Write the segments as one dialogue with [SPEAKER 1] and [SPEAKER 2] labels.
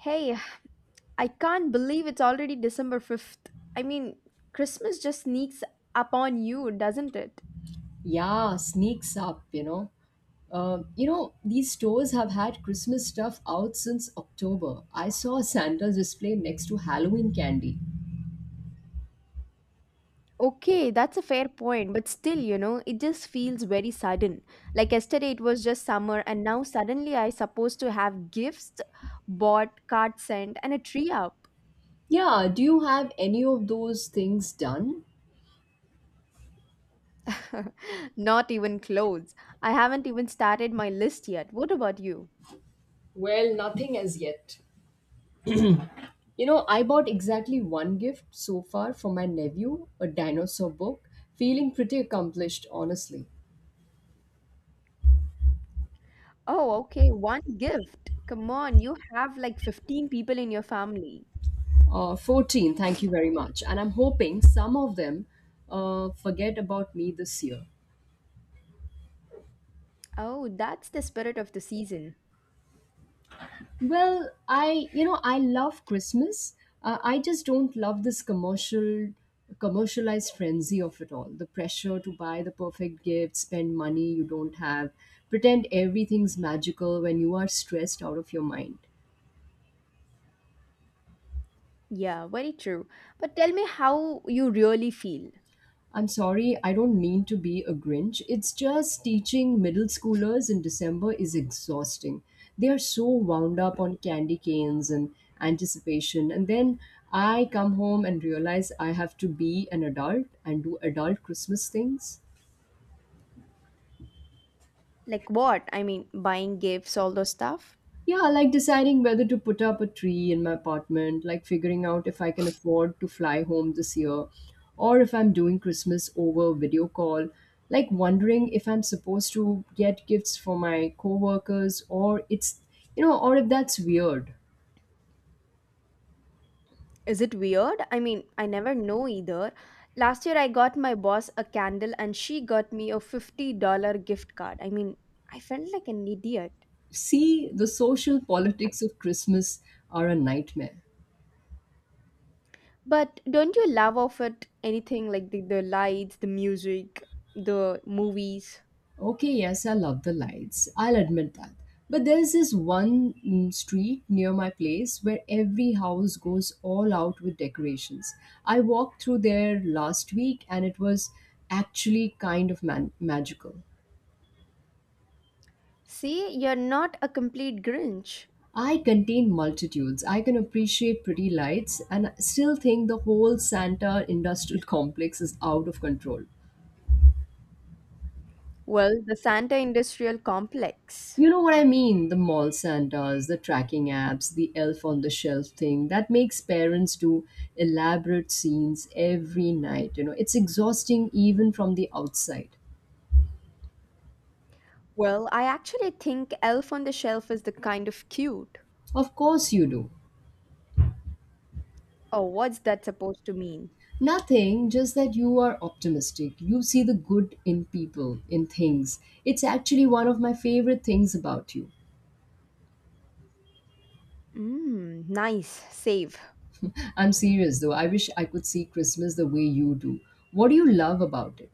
[SPEAKER 1] Hey, I can't believe it's already December 5th. I mean, Christmas just sneaks upon you, doesn't it?
[SPEAKER 2] Yeah, sneaks up, you know. These stores have had Christmas stuff out since October. I saw Santa's display next to Halloween candy.
[SPEAKER 1] Okay, that's a fair point, but still, you know, it just feels very sudden. Like yesterday, it was just summer, and now suddenly I supposed to have gifts bought, cards sent, and a tree up.
[SPEAKER 2] Yeah, do you have any of those things done?
[SPEAKER 1] Not even clothes. I haven't even started my list yet. What about you?
[SPEAKER 2] Well, nothing as yet. You know, I bought exactly one gift so far for my nephew, a dinosaur book. Feeling pretty accomplished, honestly.
[SPEAKER 1] Oh, okay, one gift. Come on, you have like 15 people in your family.
[SPEAKER 2] 14, thank you very much. And I'm hoping some of them forget about me this year.
[SPEAKER 1] Oh, that's the spirit of the season.
[SPEAKER 2] Well, I I love Christmas. I just don't love this commercialized frenzy of it all. The pressure to buy the perfect gift, spend money you don't have, pretend everything's magical when you are stressed out of your mind.
[SPEAKER 1] Yeah, very true. But tell me how you really feel.
[SPEAKER 2] I'm sorry, I don't mean to be a Grinch. It's just teaching middle schoolers in December is exhausting. They are so wound up on candy canes and anticipation. And then I come home and realize I have to be an adult and do adult Christmas things.
[SPEAKER 1] Like what? I mean, buying gifts, all those stuff.
[SPEAKER 2] Yeah, like deciding whether to put up a tree in my apartment, like figuring out if I can afford to fly home this year, or if I'm doing Christmas over video call, like wondering if I'm supposed to get gifts for my coworkers, or it's, you know, or if that's weird.
[SPEAKER 1] Is it weird? I mean, I never know either. Last year, I got my boss a candle and she got me a $50 gift card. I mean, I felt like an idiot.
[SPEAKER 2] See, the social politics of Christmas are a nightmare.
[SPEAKER 1] But don't you love of it anything like the lights, the music, the movies?
[SPEAKER 2] Okay, yes, I love the lights. I'll admit that. But there's this one street near my place where every house goes all out with decorations. I walked through there last week and it was actually kind of magical.
[SPEAKER 1] See, you're not a complete Grinch.
[SPEAKER 2] I contain multitudes. I can appreciate pretty lights and still think the whole Santa industrial complex is out of control.
[SPEAKER 1] Well, the Santa Industrial Complex.
[SPEAKER 2] You know what I mean? The mall Santas, the tracking apps, the elf on the shelf thing that makes parents do elaborate scenes every night. You know, it's exhausting even from the outside.
[SPEAKER 1] Well, I actually think Elf on the Shelf is the kind of cute.
[SPEAKER 2] Of course, you do.
[SPEAKER 1] Oh, what's that supposed to mean?
[SPEAKER 2] Nothing, just that you are optimistic. You see the good in people, in things. It's actually one of my favorite things about you.
[SPEAKER 1] Mmm, nice, save.
[SPEAKER 2] I'm serious though. I wish I could see Christmas the way you do. What do you love about it?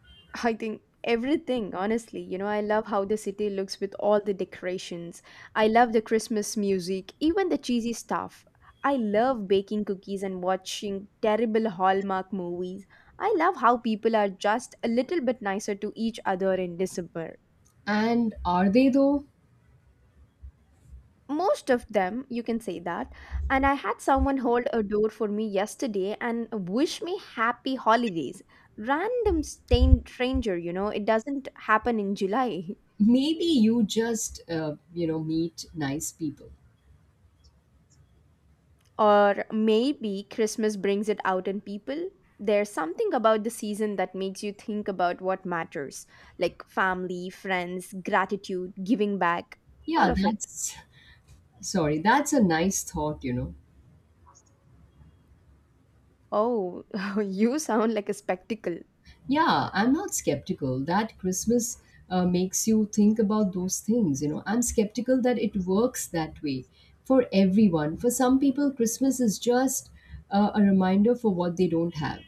[SPEAKER 1] I think everything, honestly. You know, I love how the city looks with all the decorations. I love the Christmas music, even the cheesy stuff. I love baking cookies and watching terrible Hallmark movies. I love how people are just a little bit nicer to each other in December.
[SPEAKER 2] And are they though?
[SPEAKER 1] Most of them, you can say that. And I had someone hold a door for me yesterday and wish me happy holidays. Random stranger, you know? It doesn't happen in July.
[SPEAKER 2] Maybe you just meet nice people.
[SPEAKER 1] Or maybe Christmas brings it out in people. There's something about the season that makes you think about what matters, like family, friends, gratitude, giving back. All
[SPEAKER 2] Yeah,
[SPEAKER 1] of it.
[SPEAKER 2] that's sorry, that's a nice thought.
[SPEAKER 1] Oh, you sound like a spectacle.
[SPEAKER 2] Yeah, I'm not skeptical that Christmas, makes you think about those things, you know, I'm skeptical that it works that way for everyone. For some people Christmas is just a reminder for what they don't have.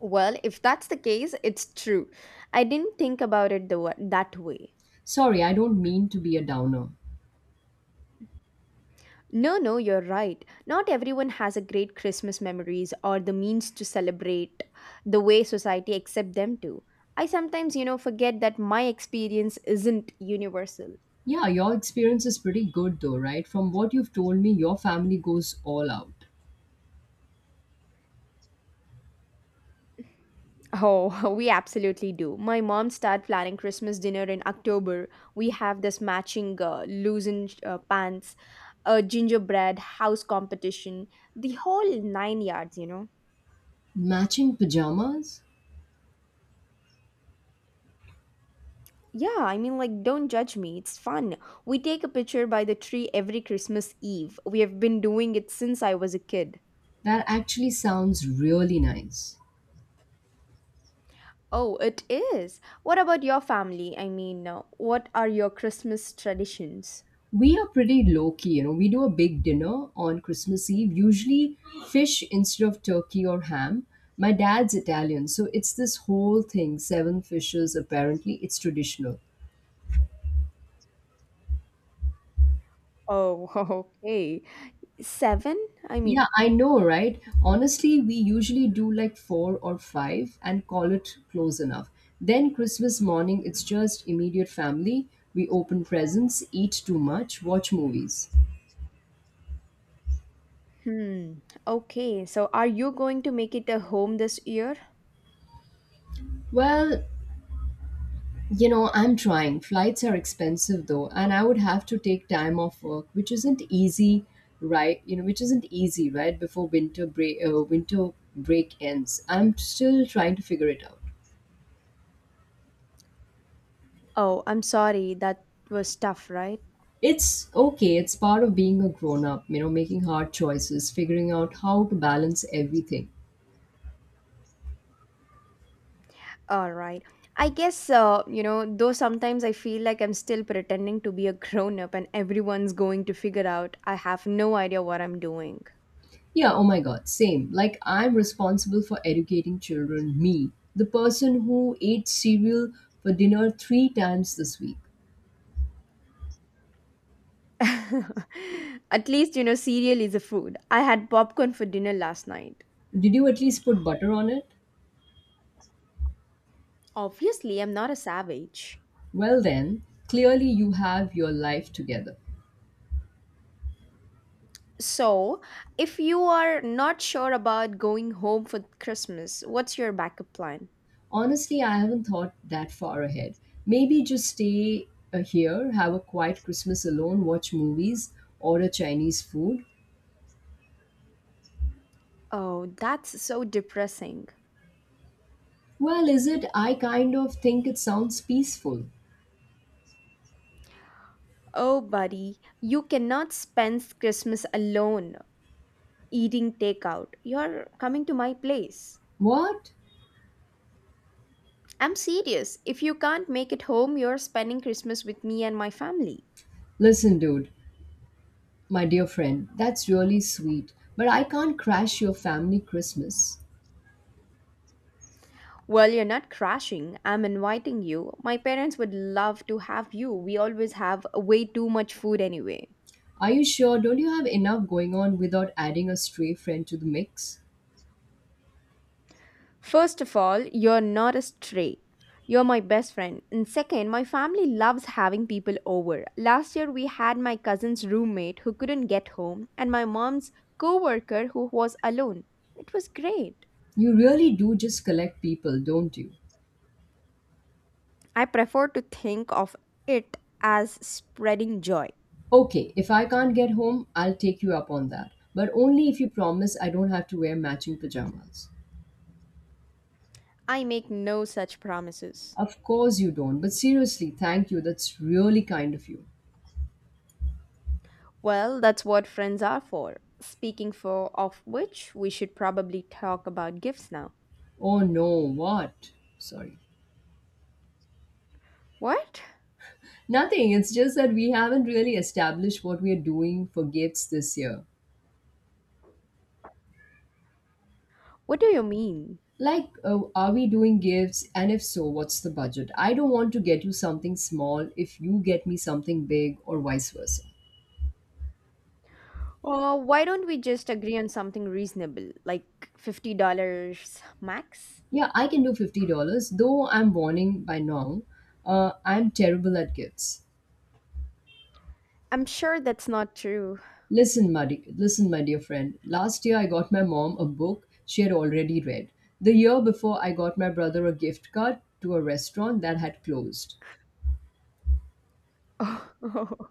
[SPEAKER 1] Well, if that's the case, it's true. I didn't think about it that way.
[SPEAKER 2] Sorry, I don't mean to be a downer.
[SPEAKER 1] No, no, you're right. Not everyone has a great Christmas memories or the means to celebrate the way society accepts them to. I sometimes, you know, forget that my experience isn't universal.
[SPEAKER 2] Yeah, your experience is pretty good though, right? From what you've told me, your family goes all out.
[SPEAKER 1] Oh, we absolutely do. My mom started planning Christmas dinner in October. We have this matching loosened pants, a gingerbread house competition, the whole nine yards, you know.
[SPEAKER 2] Matching pajamas.
[SPEAKER 1] Yeah, I mean, like, don't judge me. It's fun. We take a picture by the tree every Christmas Eve. We have been doing it since I was a kid.
[SPEAKER 2] That actually sounds really nice.
[SPEAKER 1] Oh, it is. What about your family? I mean, what are your Christmas traditions?
[SPEAKER 2] We are pretty low key, you know. We do a big dinner on Christmas Eve, usually fish instead of turkey or ham. My dad's Italian, so it's this whole thing, seven fishes apparently. It's traditional.
[SPEAKER 1] Oh, okay. Seven? I
[SPEAKER 2] Yeah,
[SPEAKER 1] mean,
[SPEAKER 2] I know, right? Honestly, we usually do like four or five and call it close enough. Then Christmas morning, it's just immediate family. We open presents, eat too much, watch movies.
[SPEAKER 1] hmm. Okay, so are you going to make it a home this year?
[SPEAKER 2] Well, you know, I'm trying. Flights are expensive though, and I would have to take time off work, which isn't easy, right? Before winter break ends. I'm still trying to figure it out.
[SPEAKER 1] Oh, I'm sorry. That was tough, right?
[SPEAKER 2] It's okay. It's part of being a grown up. You know, making hard choices, figuring out how to balance everything.
[SPEAKER 1] All right. I guess, you know, though sometimes I feel like I'm still pretending to be a grown up and everyone's going to figure out I have no idea what I'm doing.
[SPEAKER 2] Yeah. Oh my God. Same. Like I'm responsible for educating children. Me, the person who ate cereal for dinner three times this week.
[SPEAKER 1] At least, you know, cereal is a food. I had popcorn for dinner last night.
[SPEAKER 2] Did you at least put butter on it?
[SPEAKER 1] Obviously, I'm not a savage.
[SPEAKER 2] Well, then, clearly you have your life together.
[SPEAKER 1] So, if you are not sure about going home for Christmas, what's your backup plan?
[SPEAKER 2] Honestly, I haven't thought that far ahead. Maybe just stay here, have a quiet Christmas alone, watch movies, order Chinese food.
[SPEAKER 1] Oh, that's so depressing.
[SPEAKER 2] Well, is it? I kind of think it sounds peaceful.
[SPEAKER 1] Oh, buddy, you cannot spend Christmas alone eating takeout. You're coming to my place.
[SPEAKER 2] What?
[SPEAKER 1] I'm serious. If you can't make it home, you're spending Christmas with me and my family.
[SPEAKER 2] Listen, dude, my dear friend, that's really sweet, but I can't crash your family Christmas.
[SPEAKER 1] Well, you're not crashing. I'm inviting you. My parents would love to have you. We always have way too much food anyway.
[SPEAKER 2] Are you sure? Don't you have enough going on without adding a stray friend to the mix?
[SPEAKER 1] First of all, you're not a stray. You're my best friend. And second, my family loves having people over. Last year, we had my cousin's roommate who couldn't get home and my mom's coworker who was alone. It was great.
[SPEAKER 2] You really do just collect people, don't you?
[SPEAKER 1] I prefer to think of it as spreading joy.
[SPEAKER 2] Okay, if I can't get home, I'll take you up on that. But only if you promise I don't have to wear matching pajamas.
[SPEAKER 1] I make no such promises.
[SPEAKER 2] Of course you don't, but seriously, thank you. That's really kind of you.
[SPEAKER 1] Well, that's what friends are for. Speaking for of which, we should probably talk about gifts now.
[SPEAKER 2] Oh no, what? Sorry.
[SPEAKER 1] What?
[SPEAKER 2] Nothing, it's just that we haven't really established what we are doing for gifts this year.
[SPEAKER 1] What do you mean?
[SPEAKER 2] Like, are we doing gifts? And if so, what's the budget? I don't want to get you something small if you get me something big, or vice versa.
[SPEAKER 1] Or why don't we just agree on something reasonable, like $50 max?
[SPEAKER 2] Yeah, I can do $50, though I'm warning by Nong. I'm terrible at gifts.
[SPEAKER 1] I'm sure that's not true.
[SPEAKER 2] Listen, my dear friend. Last year, I got my mom a book she had already read. The year before, I got my brother a gift card to a restaurant that had closed.
[SPEAKER 1] Oh,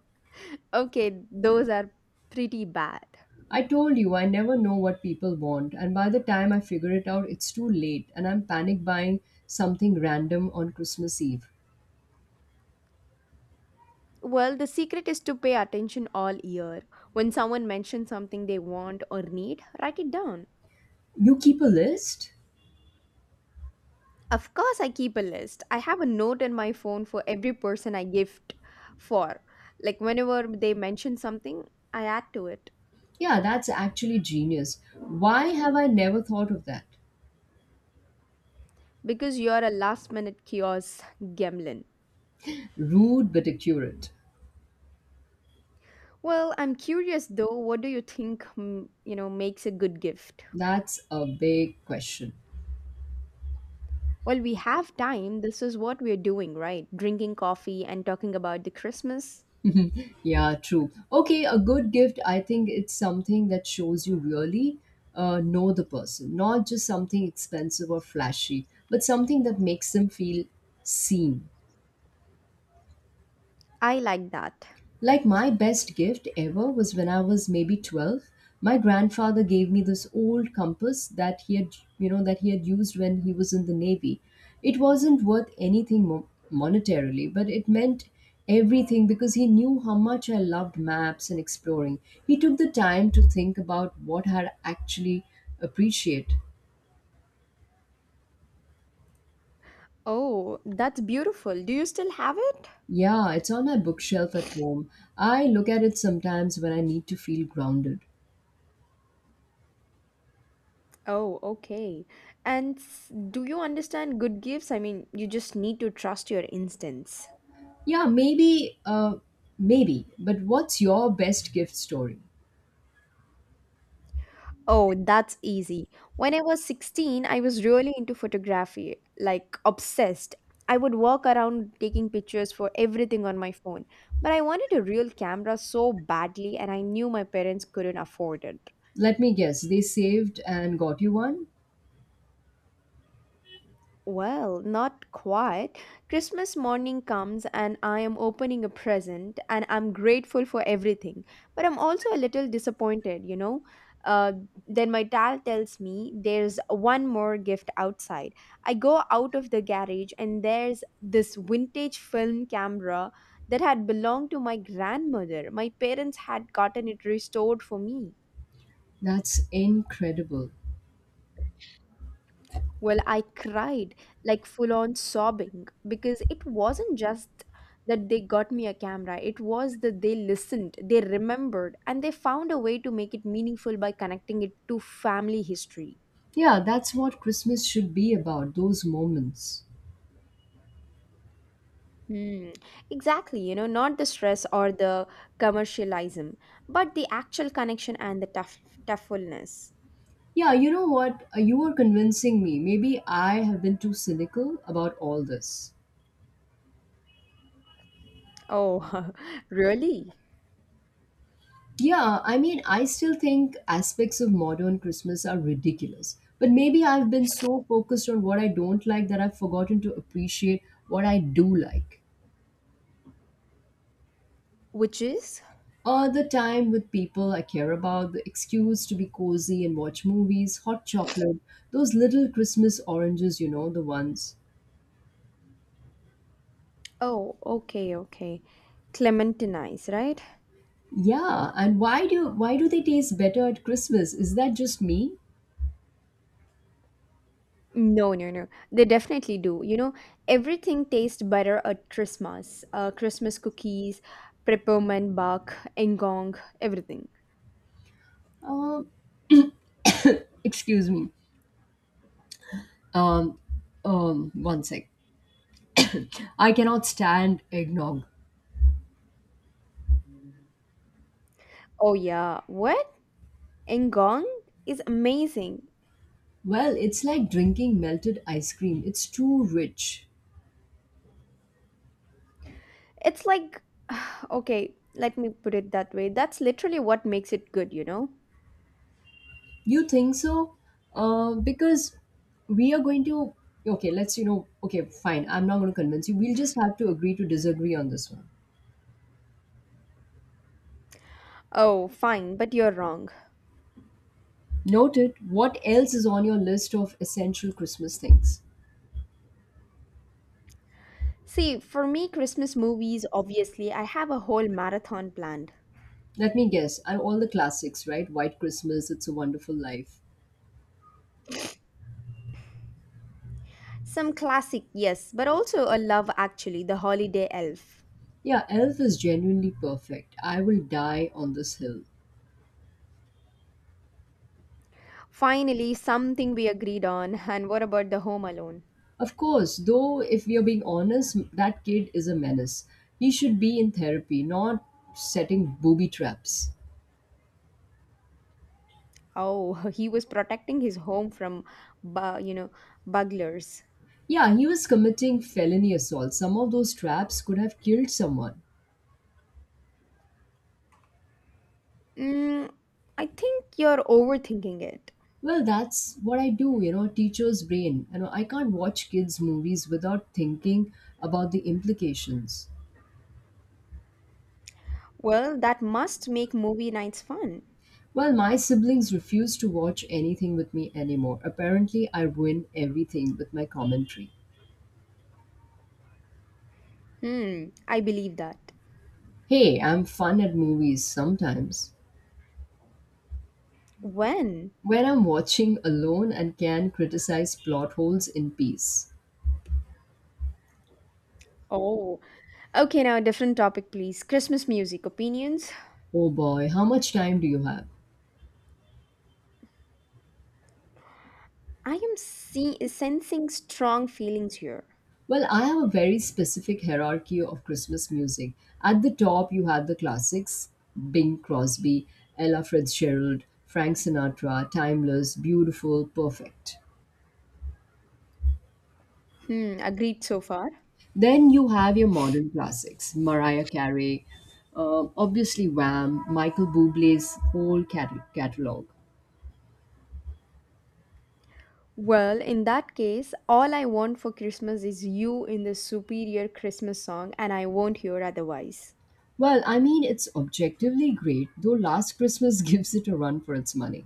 [SPEAKER 1] okay, those are pretty bad.
[SPEAKER 2] I told you I never know what people want, and by the time I figure it out, it's too late, and I'm panic buying something random on Christmas Eve.
[SPEAKER 1] Well, the secret is to pay attention all year. When someone mentions something they want or need, write it down.
[SPEAKER 2] You keep a list?
[SPEAKER 1] Of course, I keep a list. I have a note in my phone for every person I gift for. Like whenever they mention something, I add to it.
[SPEAKER 2] Yeah, that's actually genius. Why have I never thought of that?
[SPEAKER 1] Because you're a last minute kiosk gremlin.
[SPEAKER 2] Rude but accurate.
[SPEAKER 1] Well, I'm curious though, what do you think, mm, you know, makes a good gift?
[SPEAKER 2] That's a big question.
[SPEAKER 1] Well, we have time. This is what we're doing, right? Drinking coffee and talking about the Christmas.
[SPEAKER 2] Yeah, true. Okay, a good gift, I think it's something that shows you really know the person, not just something expensive or flashy, but something that makes them feel seen.
[SPEAKER 1] I like that.
[SPEAKER 2] Like my best gift ever was when I was maybe 12. My grandfather gave me this old compass that he had, you know, that he had used when he was in the Navy. It wasn't worth anything monetarily, but it meant everything because he knew how much I loved maps and exploring. He took the time to think about what I actually appreciate.
[SPEAKER 1] Oh, that's beautiful. Do you still have it?
[SPEAKER 2] Yeah, it's on my bookshelf at home. I look at it sometimes when I need to feel grounded.
[SPEAKER 1] Oh, okay. And do you understand good gifts? I mean, you just need to trust your instincts.
[SPEAKER 2] Yeah, maybe, maybe. But what's your best gift story?
[SPEAKER 1] Oh, that's easy. When I was 16, I was really into photography, like obsessed. I would walk around taking pictures for everything on my phone. But I wanted a real camera so badly, and I knew my parents couldn't afford it.
[SPEAKER 2] Let me guess, they saved and got you one?
[SPEAKER 1] Well, not quite. Christmas morning comes and I am opening a present and I'm grateful for everything. But I'm also a little disappointed, you know. Uh, then my dad tells me there's one more gift outside. I go out of the garage and there's this vintage film camera that had belonged to my grandmother. My parents had gotten it restored for me.
[SPEAKER 2] That's incredible.
[SPEAKER 1] Well, I cried like full on sobbing because it wasn't just that they got me a camera, it was that they listened, they remembered, and they found a way to make it meaningful by connecting it to family history.
[SPEAKER 2] Yeah, that's what Christmas should be about, those moments.
[SPEAKER 1] Hmm. Exactly, you know, not the stress or the commercialism, but the actual connection and the toughfulness.
[SPEAKER 2] Yeah, you know what? You are convincing me. Maybe I have been too cynical about all this.
[SPEAKER 1] Oh, really?
[SPEAKER 2] Yeah, I mean, I still think aspects of modern Christmas are ridiculous. But maybe I've been so focused on what I don't like that I've forgotten to appreciate what I do like.
[SPEAKER 1] Which is?
[SPEAKER 2] All the time with people I care about, the excuse to be cozy and watch movies, hot chocolate, those little Christmas oranges, you know, the ones.
[SPEAKER 1] Oh, okay, okay. Clementinize, right?
[SPEAKER 2] Yeah, and why do they taste better at Christmas? Is that just me?
[SPEAKER 1] No, no, no. They definitely do. You know, everything tastes better at Christmas. Christmas cookies, peppermint bark, engong, everything.
[SPEAKER 2] Um, excuse me. Um, one sec. I cannot stand eggnog.
[SPEAKER 1] Oh yeah, what? Engong is amazing.
[SPEAKER 2] Well, it's like drinking melted ice cream. It's too rich.
[SPEAKER 1] It's like, okay, let me put it that way. That's literally what makes it good, you know?
[SPEAKER 2] You think so? Because we are going to, okay, okay, fine. I'm not going to convince you. We'll just have to agree to disagree on this one.
[SPEAKER 1] Oh, fine, but you're wrong.
[SPEAKER 2] Noted, what else is on your list of essential Christmas things?
[SPEAKER 1] See, for me, Christmas movies, obviously, I have a whole marathon planned.
[SPEAKER 2] Let me guess. And all the classics, right? White Christmas, It's a Wonderful Life.
[SPEAKER 1] Some classic, yes, but also a love actually, The Holiday Elf.
[SPEAKER 2] Yeah, Elf is genuinely perfect. I will die on this hill.
[SPEAKER 1] Finally, something we agreed on. And what about the home alone?
[SPEAKER 2] Of course, though, if we are being honest, that kid is a menace. He should be in therapy, not setting booby traps.
[SPEAKER 1] Oh, he was protecting his home from, you know, burglars.
[SPEAKER 2] Yeah, he was committing felony assault. Some of those traps could have killed someone.
[SPEAKER 1] Mm, I think you're overthinking it.
[SPEAKER 2] Well, that's what I do, you know, teacher's brain. You know, I can't watch kids' movies without thinking about the implications.
[SPEAKER 1] Well, that must make movie nights fun.
[SPEAKER 2] Well, my siblings refuse to watch anything with me anymore. Apparently, I ruin everything with my commentary.
[SPEAKER 1] Hmm, I believe that.
[SPEAKER 2] Hey, I'm fun at movies sometimes.
[SPEAKER 1] When?
[SPEAKER 2] When I'm watching alone and can criticize plot holes in peace.
[SPEAKER 1] Oh, okay. Now, different topic, please. Christmas music opinions.
[SPEAKER 2] Oh boy, how much time do you have?
[SPEAKER 1] I am sensing strong feelings here.
[SPEAKER 2] Well, I have a very specific hierarchy of Christmas music. At the top, you have the classics: Bing Crosby, Ella Fitzgerald, Frank Sinatra, timeless, beautiful, perfect.
[SPEAKER 1] Hmm, agreed so far.
[SPEAKER 2] Then you have your modern classics: Mariah Carey, obviously Wham, Michael Bublé's whole catalog.
[SPEAKER 1] Well, in that case, all I want for Christmas is you in the superior Christmas song, and I won't hear otherwise.
[SPEAKER 2] Well, I mean, it's objectively great, though Last Christmas gives it a run for its money.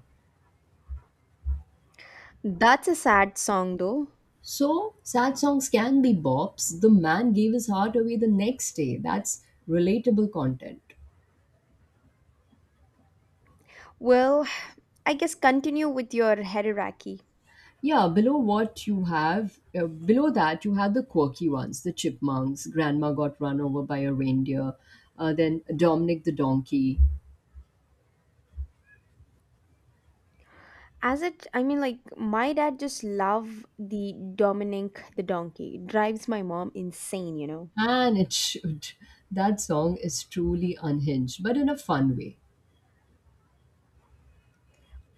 [SPEAKER 1] That's a sad song, though.
[SPEAKER 2] So, sad songs can be bops. The man gave his heart away the next day. That's relatable content.
[SPEAKER 1] Well, I guess continue with your hierarchy.
[SPEAKER 2] Yeah, below that, you have the quirky ones: the chipmunks, grandma got run over by a reindeer, then Dominic the donkey.
[SPEAKER 1] As it, I mean, like, my dad just love the Dominic the donkey. Drives my mom insane, you know.
[SPEAKER 2] And it should. That song is truly unhinged, but in a fun way.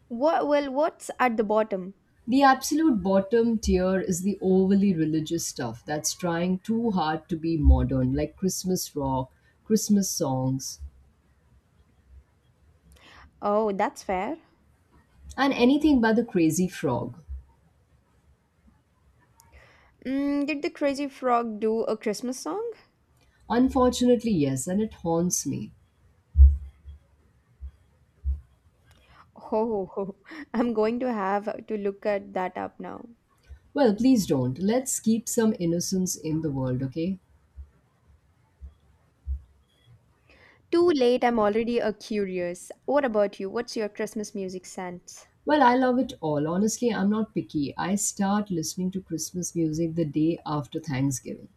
[SPEAKER 1] What, well, what's at the bottom?
[SPEAKER 2] The absolute bottom tier is the overly religious stuff that's trying too hard to be modern, like Christmas rock, Christmas songs.
[SPEAKER 1] Oh, that's fair.
[SPEAKER 2] And anything by the crazy frog.
[SPEAKER 1] Mm, did the crazy frog do a Christmas song?
[SPEAKER 2] Unfortunately, yes, and it haunts me.
[SPEAKER 1] Oh, I'm going to have to look at that up now.
[SPEAKER 2] Well, please don't. Let's keep some innocence in the world, okay?
[SPEAKER 1] Too late, I'm already a curious. What about you? What's your Christmas music sense?
[SPEAKER 2] Well, I love it all. Honestly, I'm not picky. I start listening to Christmas music the day after Thanksgiving.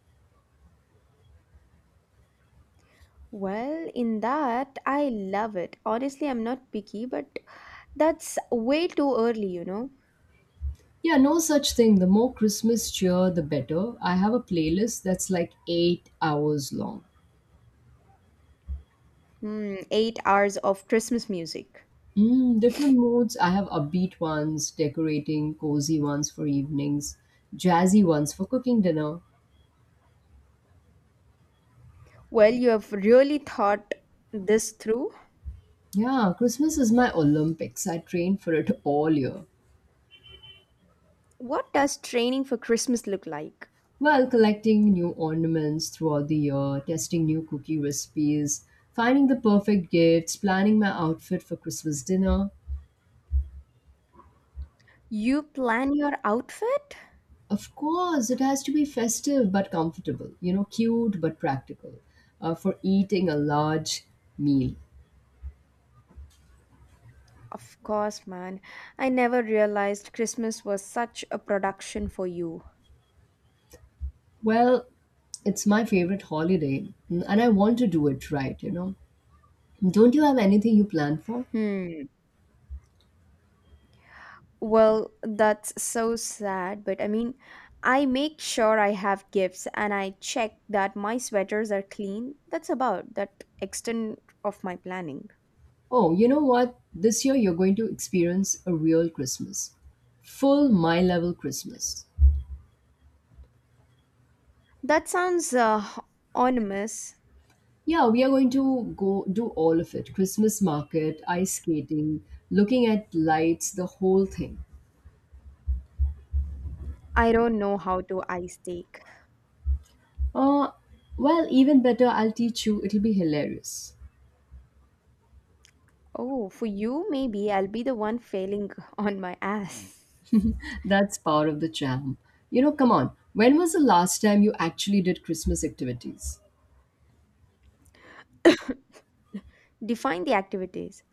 [SPEAKER 1] Well, in that, I love it. Honestly, I'm not picky, but that's way too early, you know?
[SPEAKER 2] Yeah, no such thing. The more Christmas cheer, the better. I have a playlist that's like 8 hours long.
[SPEAKER 1] Hmm, 8 hours of Christmas music.
[SPEAKER 2] Mm, different moods. I have upbeat ones, decorating, cozy ones for evenings, jazzy ones for cooking dinner.
[SPEAKER 1] Well, you have really thought this through.
[SPEAKER 2] Yeah, Christmas is my Olympics. I train for it all year.
[SPEAKER 1] What does training for Christmas look like?
[SPEAKER 2] Well, collecting new ornaments throughout the year, testing new cookie recipes, finding the perfect gifts, planning my outfit for Christmas dinner.
[SPEAKER 1] You plan your outfit?
[SPEAKER 2] Of course, it has to be festive but comfortable, cute but practical for eating a large meal.
[SPEAKER 1] Of course, man. I never realized Christmas was such a production for you.
[SPEAKER 2] Well, it's my favorite holiday and I want to do it right. Don't you have anything you plan for?
[SPEAKER 1] Hmm. Well, that's so sad, but I mean, I make sure I have gifts and I check that my sweaters are clean. That's about that extent of my planning.
[SPEAKER 2] Oh, you know what? This year you're going to experience a real Christmas. Full my level Christmas.
[SPEAKER 1] That sounds ominous.
[SPEAKER 2] Yeah, we are going to go do all of it: Christmas market, ice skating, looking at lights, the whole thing.
[SPEAKER 1] I don't know how to ice take.
[SPEAKER 2] Uh, well, even better, I'll teach you. It'll be hilarious.
[SPEAKER 1] Oh, for you, maybe I'll be the one failing on my ass.
[SPEAKER 2] That's part of the charm. You know, come on. When was the last time you actually did Christmas activities?
[SPEAKER 1] Define the activities.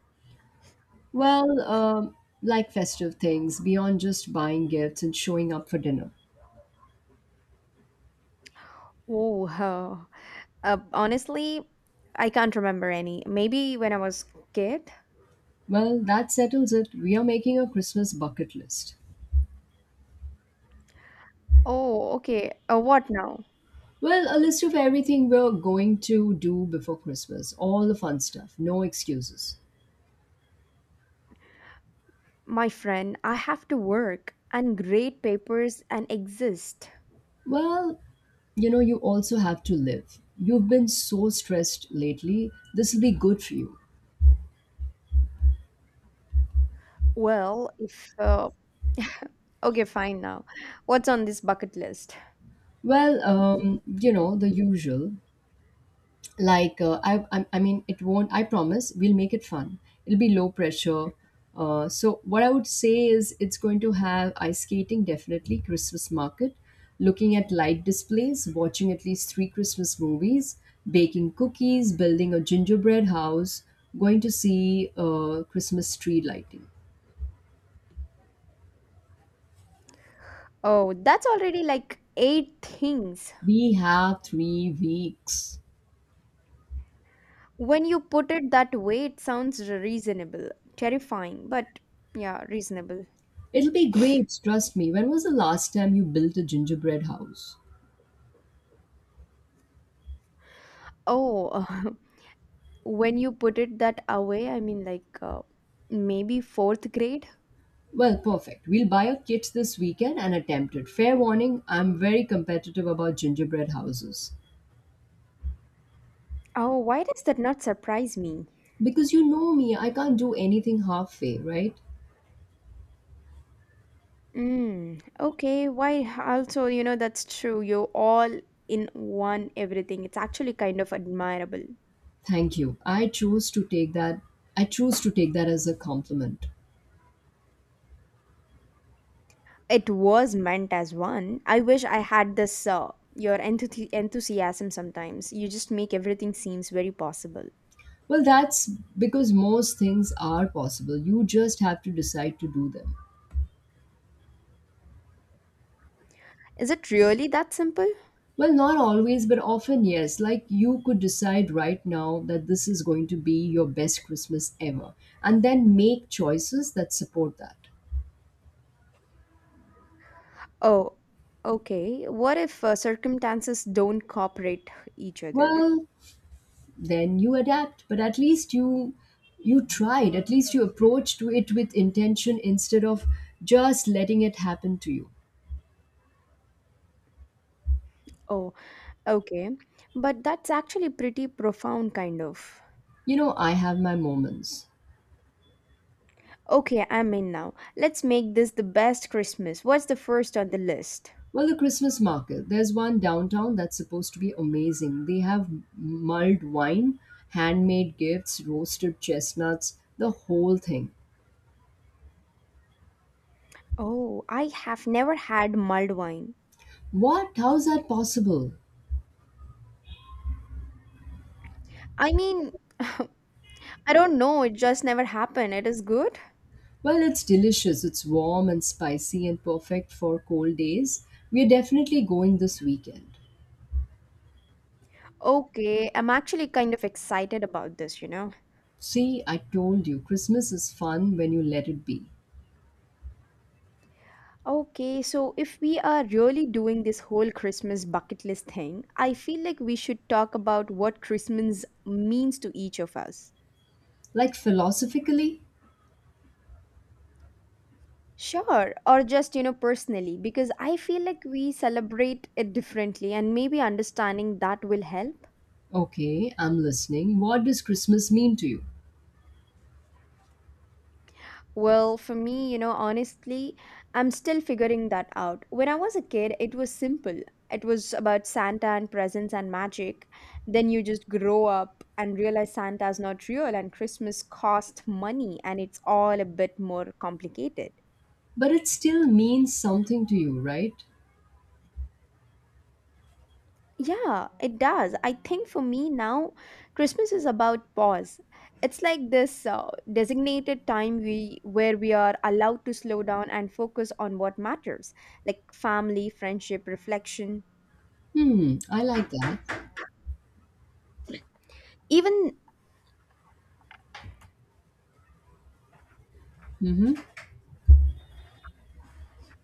[SPEAKER 2] Well, like festive things, beyond just buying gifts and showing up for dinner.
[SPEAKER 1] Oh, honestly, I can't remember any. Maybe when I was kid.
[SPEAKER 2] Well, that settles it. We are making a Christmas bucket list.
[SPEAKER 1] Oh, okay. What now?
[SPEAKER 2] Well, a list of everything we're going to do before Christmas, all the fun stuff, no excuses.
[SPEAKER 1] My friend, I have to work and grade papers and exist.
[SPEAKER 2] Well, you know, you also have to live. You've been so stressed lately. This will be good for you.
[SPEAKER 1] Well, if. Okay, fine now. What's on this bucket list?
[SPEAKER 2] Well, you know, the usual. I mean it won't, I promise we'll make it fun. It'll be low pressure. So what I would say is it's going to have ice skating, definitely Christmas market, looking at light displays, watching at least three Christmas movies, baking cookies, building a gingerbread house, going to see Christmas tree lighting.
[SPEAKER 1] Oh, that's already like eight things.
[SPEAKER 2] We have 3 weeks.
[SPEAKER 1] When you put it that way, it sounds reasonable. Terrifying, but yeah, reasonable.
[SPEAKER 2] It'll be great, trust me. When was the last time you built a gingerbread house?
[SPEAKER 1] Oh, when you put it that away, I mean, like maybe fourth grade?
[SPEAKER 2] Well, perfect. We'll buy a kit this weekend and attempt it. Fair warning, I'm very competitive about gingerbread houses.
[SPEAKER 1] Oh, why does that not surprise me?
[SPEAKER 2] Because you know me, I can't do anything halfway, right?
[SPEAKER 1] Mm, okay, why? Also, you know, that's true. You're all in one everything. It's actually kind of admirable.
[SPEAKER 2] Thank you. I choose to take that as a compliment.
[SPEAKER 1] It was meant as one. I wish I had this your enthusiasm sometimes. You just make everything seems very possible.
[SPEAKER 2] Well, that's because most things are possible. You just have to decide to do them.
[SPEAKER 1] Is it really that simple?
[SPEAKER 2] Well, not always, but often yes. Like, you could decide right now that this is going to be your best Christmas ever and then make choices that support that.
[SPEAKER 1] Oh, okay. What if circumstances don't cooperate each other?
[SPEAKER 2] Well, then you adapt, but at least you tried. At least you approached to it with intention instead of just letting it happen to you.
[SPEAKER 1] Oh, okay. But that's actually pretty profound kind of.
[SPEAKER 2] You know, I have my moments.
[SPEAKER 1] Okay, I'm in now. Let's make this the best Christmas. What's the first on the list?
[SPEAKER 2] Well, the Christmas market, there's one downtown that's supposed to be amazing. They have mulled wine, handmade gifts, roasted chestnuts, the whole thing.
[SPEAKER 1] Oh, I have never had mulled wine.
[SPEAKER 2] What? How's that possible?
[SPEAKER 1] I mean, I don't know, it just never happened. It is good.
[SPEAKER 2] Well, it's delicious. It's warm and spicy and perfect for cold days. We're definitely going this weekend.
[SPEAKER 1] Okay, I'm actually kind of excited about this, you know.
[SPEAKER 2] See, I told you, Christmas is fun when you let it be.
[SPEAKER 1] Okay, so if we are really doing this whole Christmas bucket list thing, I feel like we should talk about what Christmas means to each of us.
[SPEAKER 2] Like, philosophically?
[SPEAKER 1] Sure, or just, you know, personally, because I feel like we celebrate it differently, and maybe understanding that will help.
[SPEAKER 2] Okay, I'm listening. What does Christmas mean to you?
[SPEAKER 1] Well, for me, you know, honestly, I'm still figuring that out. When I was a kid, it was simple. It was about Santa and presents and magic. Then you just grow up and realize Santa's not real and Christmas costs money and it's all a bit more complicated.
[SPEAKER 2] But it still means something to you, right?
[SPEAKER 1] Yeah, it does. I think for me now, Christmas is about pause. It's like this designated time we where we are allowed to slow down and focus on what matters, like family, friendship, reflection.
[SPEAKER 2] Hmm, I like that.
[SPEAKER 1] Even
[SPEAKER 2] Mm-hmm.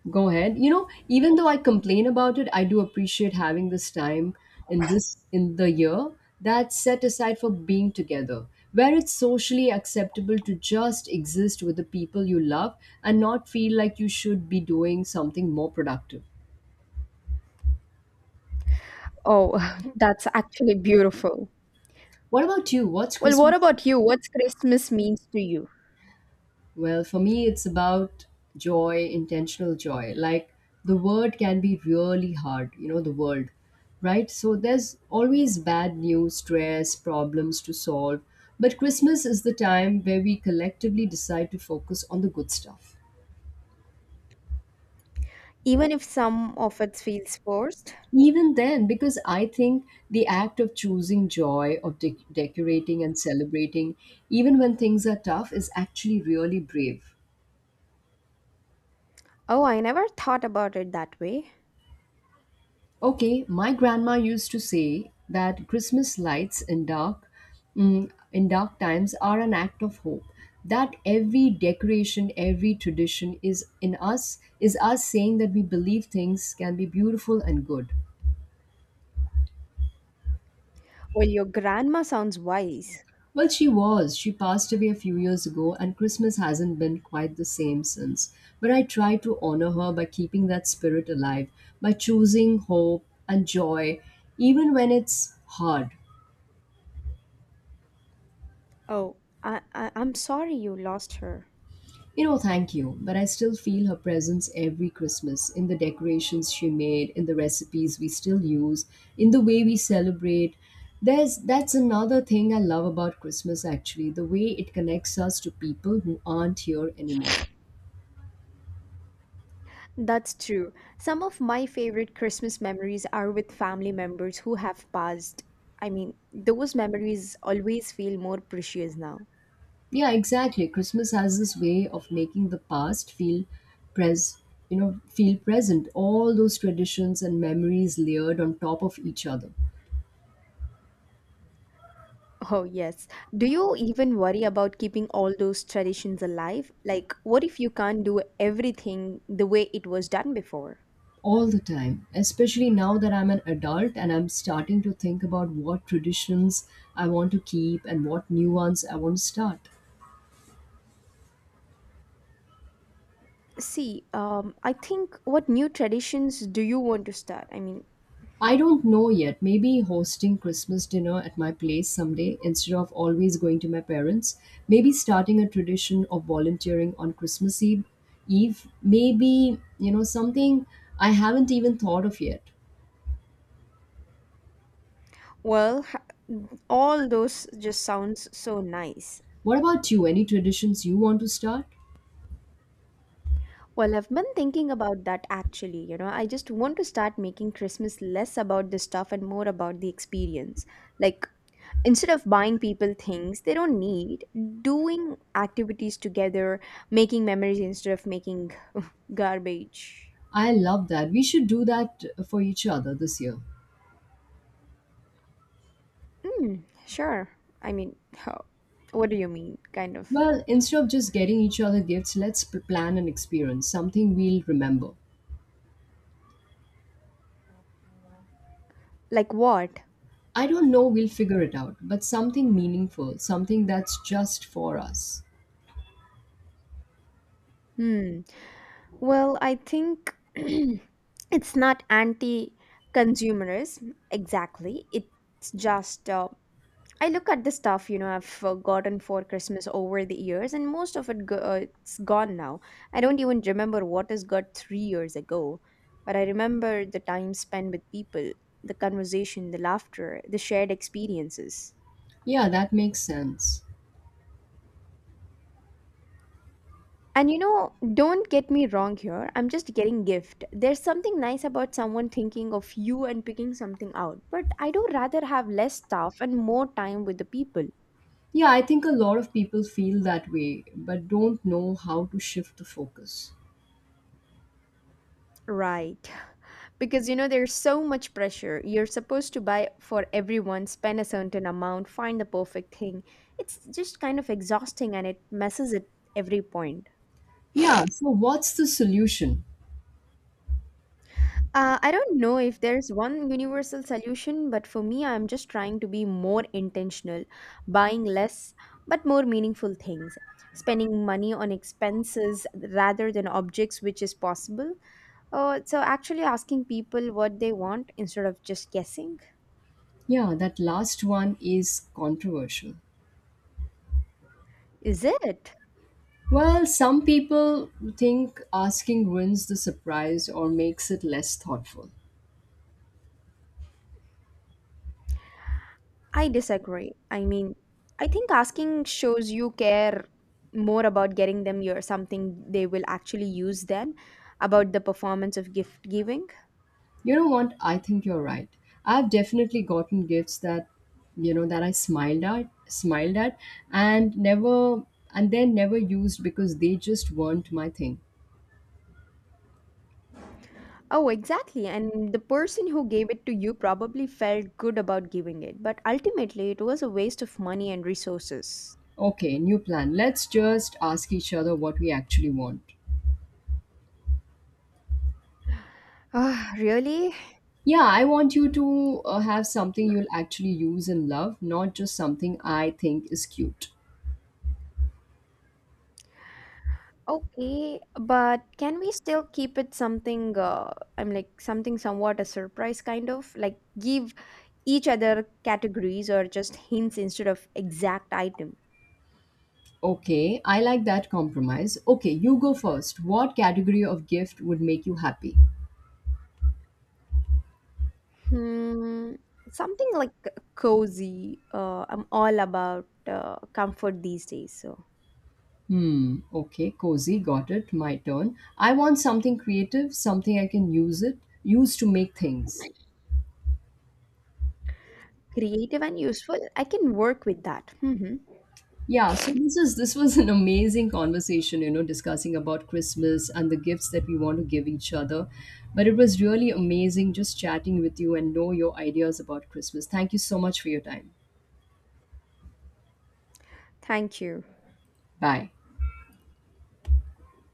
[SPEAKER 2] Go ahead. You know, even though I complain about it, I do appreciate having this time in the year that's set aside for being together, where it's socially acceptable to just exist with the people you love and not feel like you should be doing something more productive.
[SPEAKER 1] oh, that's actually beautiful.
[SPEAKER 2] What about you? What's
[SPEAKER 1] Well, what
[SPEAKER 2] Christmas?
[SPEAKER 1] about you? What's Christmas means to you?
[SPEAKER 2] Well, for me, it's about joy, intentional joy. Like, the word can be really hard, you know, the world, right? So there's always bad news, stress, problems to solve. But Christmas is the time where we collectively decide to focus on the good stuff.
[SPEAKER 1] Even if some of it feels forced.
[SPEAKER 2] Even then, because I think the act of choosing joy, of decorating and celebrating, even when things are tough, is actually really brave.
[SPEAKER 1] Oh, I never thought about it that way.
[SPEAKER 2] Okay, my grandma used to say that Christmas lights in dark times are an act of hope. That every decoration, every tradition is us saying that we believe things can be beautiful and good.
[SPEAKER 1] Well, your grandma sounds wise.
[SPEAKER 2] Well, she was. She passed away a few years ago, and Christmas hasn't been quite the same since. But I try to honor her by keeping that spirit alive, by choosing hope and joy, even when it's hard.
[SPEAKER 1] Oh, I'm sorry you lost her.
[SPEAKER 2] You know, thank you, but I still feel her presence every Christmas in the decorations she made, in the recipes we still use, in the way we celebrate. There's that's another thing I love about Christmas actually, the way it connects us to people who aren't here anymore.
[SPEAKER 1] That's true. Some of my favorite Christmas memories are with family members who have passed. I mean, those memories always feel more precious now.
[SPEAKER 2] Yeah, exactly. Christmas has this way of making the past feel pres feel present. All those traditions and memories layered on top of each other.
[SPEAKER 1] Oh, yes. Do you even worry about keeping all those traditions alive? Like, what if you can't do everything the way it was done before?
[SPEAKER 2] All the time, especially now that I'm an adult and I'm starting to think about what traditions I want to keep and what new ones I want to start.
[SPEAKER 1] See, I think what new traditions do you want to start? I mean,
[SPEAKER 2] I don't know yet. Maybe hosting Christmas dinner at my place someday instead of always going to my parents, maybe starting a tradition of volunteering on Christmas Eve, maybe, you know, something I haven't even thought of yet.
[SPEAKER 1] well, all those just sounds so nice.
[SPEAKER 2] What about you? Any traditions you want to start?
[SPEAKER 1] Well, I've been thinking about that actually. You know, I just want to start making Christmas less about the stuff and more about the experience. Like, instead of buying people things they don't need, doing activities together, making memories instead of making garbage.
[SPEAKER 2] I love that. We should do that for each other this year.
[SPEAKER 1] Mm, sure. I mean, how, what do you mean? Kind of
[SPEAKER 2] Well, instead of just getting each other gifts, let's plan an experience, something we'll remember.
[SPEAKER 1] like what?
[SPEAKER 2] I don't know, we'll figure it out, but something meaningful, something that's just for us.
[SPEAKER 1] Hmm. Well, I think it's not anti-consumerism exactly. It's just I look at the stuff you know I've gotten for Christmas over the years, and most of it it's gone now. I don't even remember what is got 3 years ago, but I remember the time spent with people, the conversation, the laughter, the shared experiences.
[SPEAKER 2] Yeah, that makes sense.
[SPEAKER 1] And you know, don't get me wrong here. I'm just getting gift. There's something nice about someone thinking of you and picking something out. But I do rather have less stuff and more time with the people.
[SPEAKER 2] Yeah, I think a lot of people feel that way, but don't know how to shift the focus.
[SPEAKER 1] Right. Because you know, there's so much pressure. You're supposed to buy for everyone, spend a certain amount, find the perfect thing. It's just kind of exhausting and it messes at every point.
[SPEAKER 2] Yeah, so what's the solution?
[SPEAKER 1] I don't know if there's one universal solution, but for me, I'm just trying to be more intentional, buying less but more meaningful things, spending money on expenses rather than objects, which is possible. Oh, so actually asking people what they want instead of just guessing.
[SPEAKER 2] Yeah, that last one is controversial.
[SPEAKER 1] Is it?
[SPEAKER 2] Well, some people think asking ruins the surprise or makes it less thoughtful.
[SPEAKER 1] I disagree. I mean, I think asking shows you care more about getting them your something they will actually use than about the performance of gift giving.
[SPEAKER 2] You know what? I think you're right. I've definitely gotten gifts that, you know, that I smiled at, and never and then never used because they just weren't my thing.
[SPEAKER 1] Oh, exactly. And the person who gave it to you probably felt good about giving it, but ultimately it was a waste of money and resources.
[SPEAKER 2] Okay, new plan. Let's just ask each other what we actually want.
[SPEAKER 1] Ah, really?
[SPEAKER 2] Yeah, I want you to have something you'll actually use and love, not just something I think is cute.
[SPEAKER 1] Okay, but can we still keep it something, I'm like something somewhat a surprise kind of? Like give each other categories or just hints instead of exact item.
[SPEAKER 2] Okay, I like that compromise. Okay, you go first. What category of gift would make you happy?
[SPEAKER 1] Hmm, something like cozy. I'm all about comfort these days. So
[SPEAKER 2] Hmm, okay, cozy, got it. My turn. I want something creative, something I can use it, use to make things.
[SPEAKER 1] creative and useful. I can work with that. Hmm.
[SPEAKER 2] Yeah, so this was an amazing conversation, you know, discussing about Christmas and the gifts that we want to give each other. But it was really amazing just chatting with you and know your ideas about Christmas. Thank you so much for your time.
[SPEAKER 1] Thank you.
[SPEAKER 2] Bye.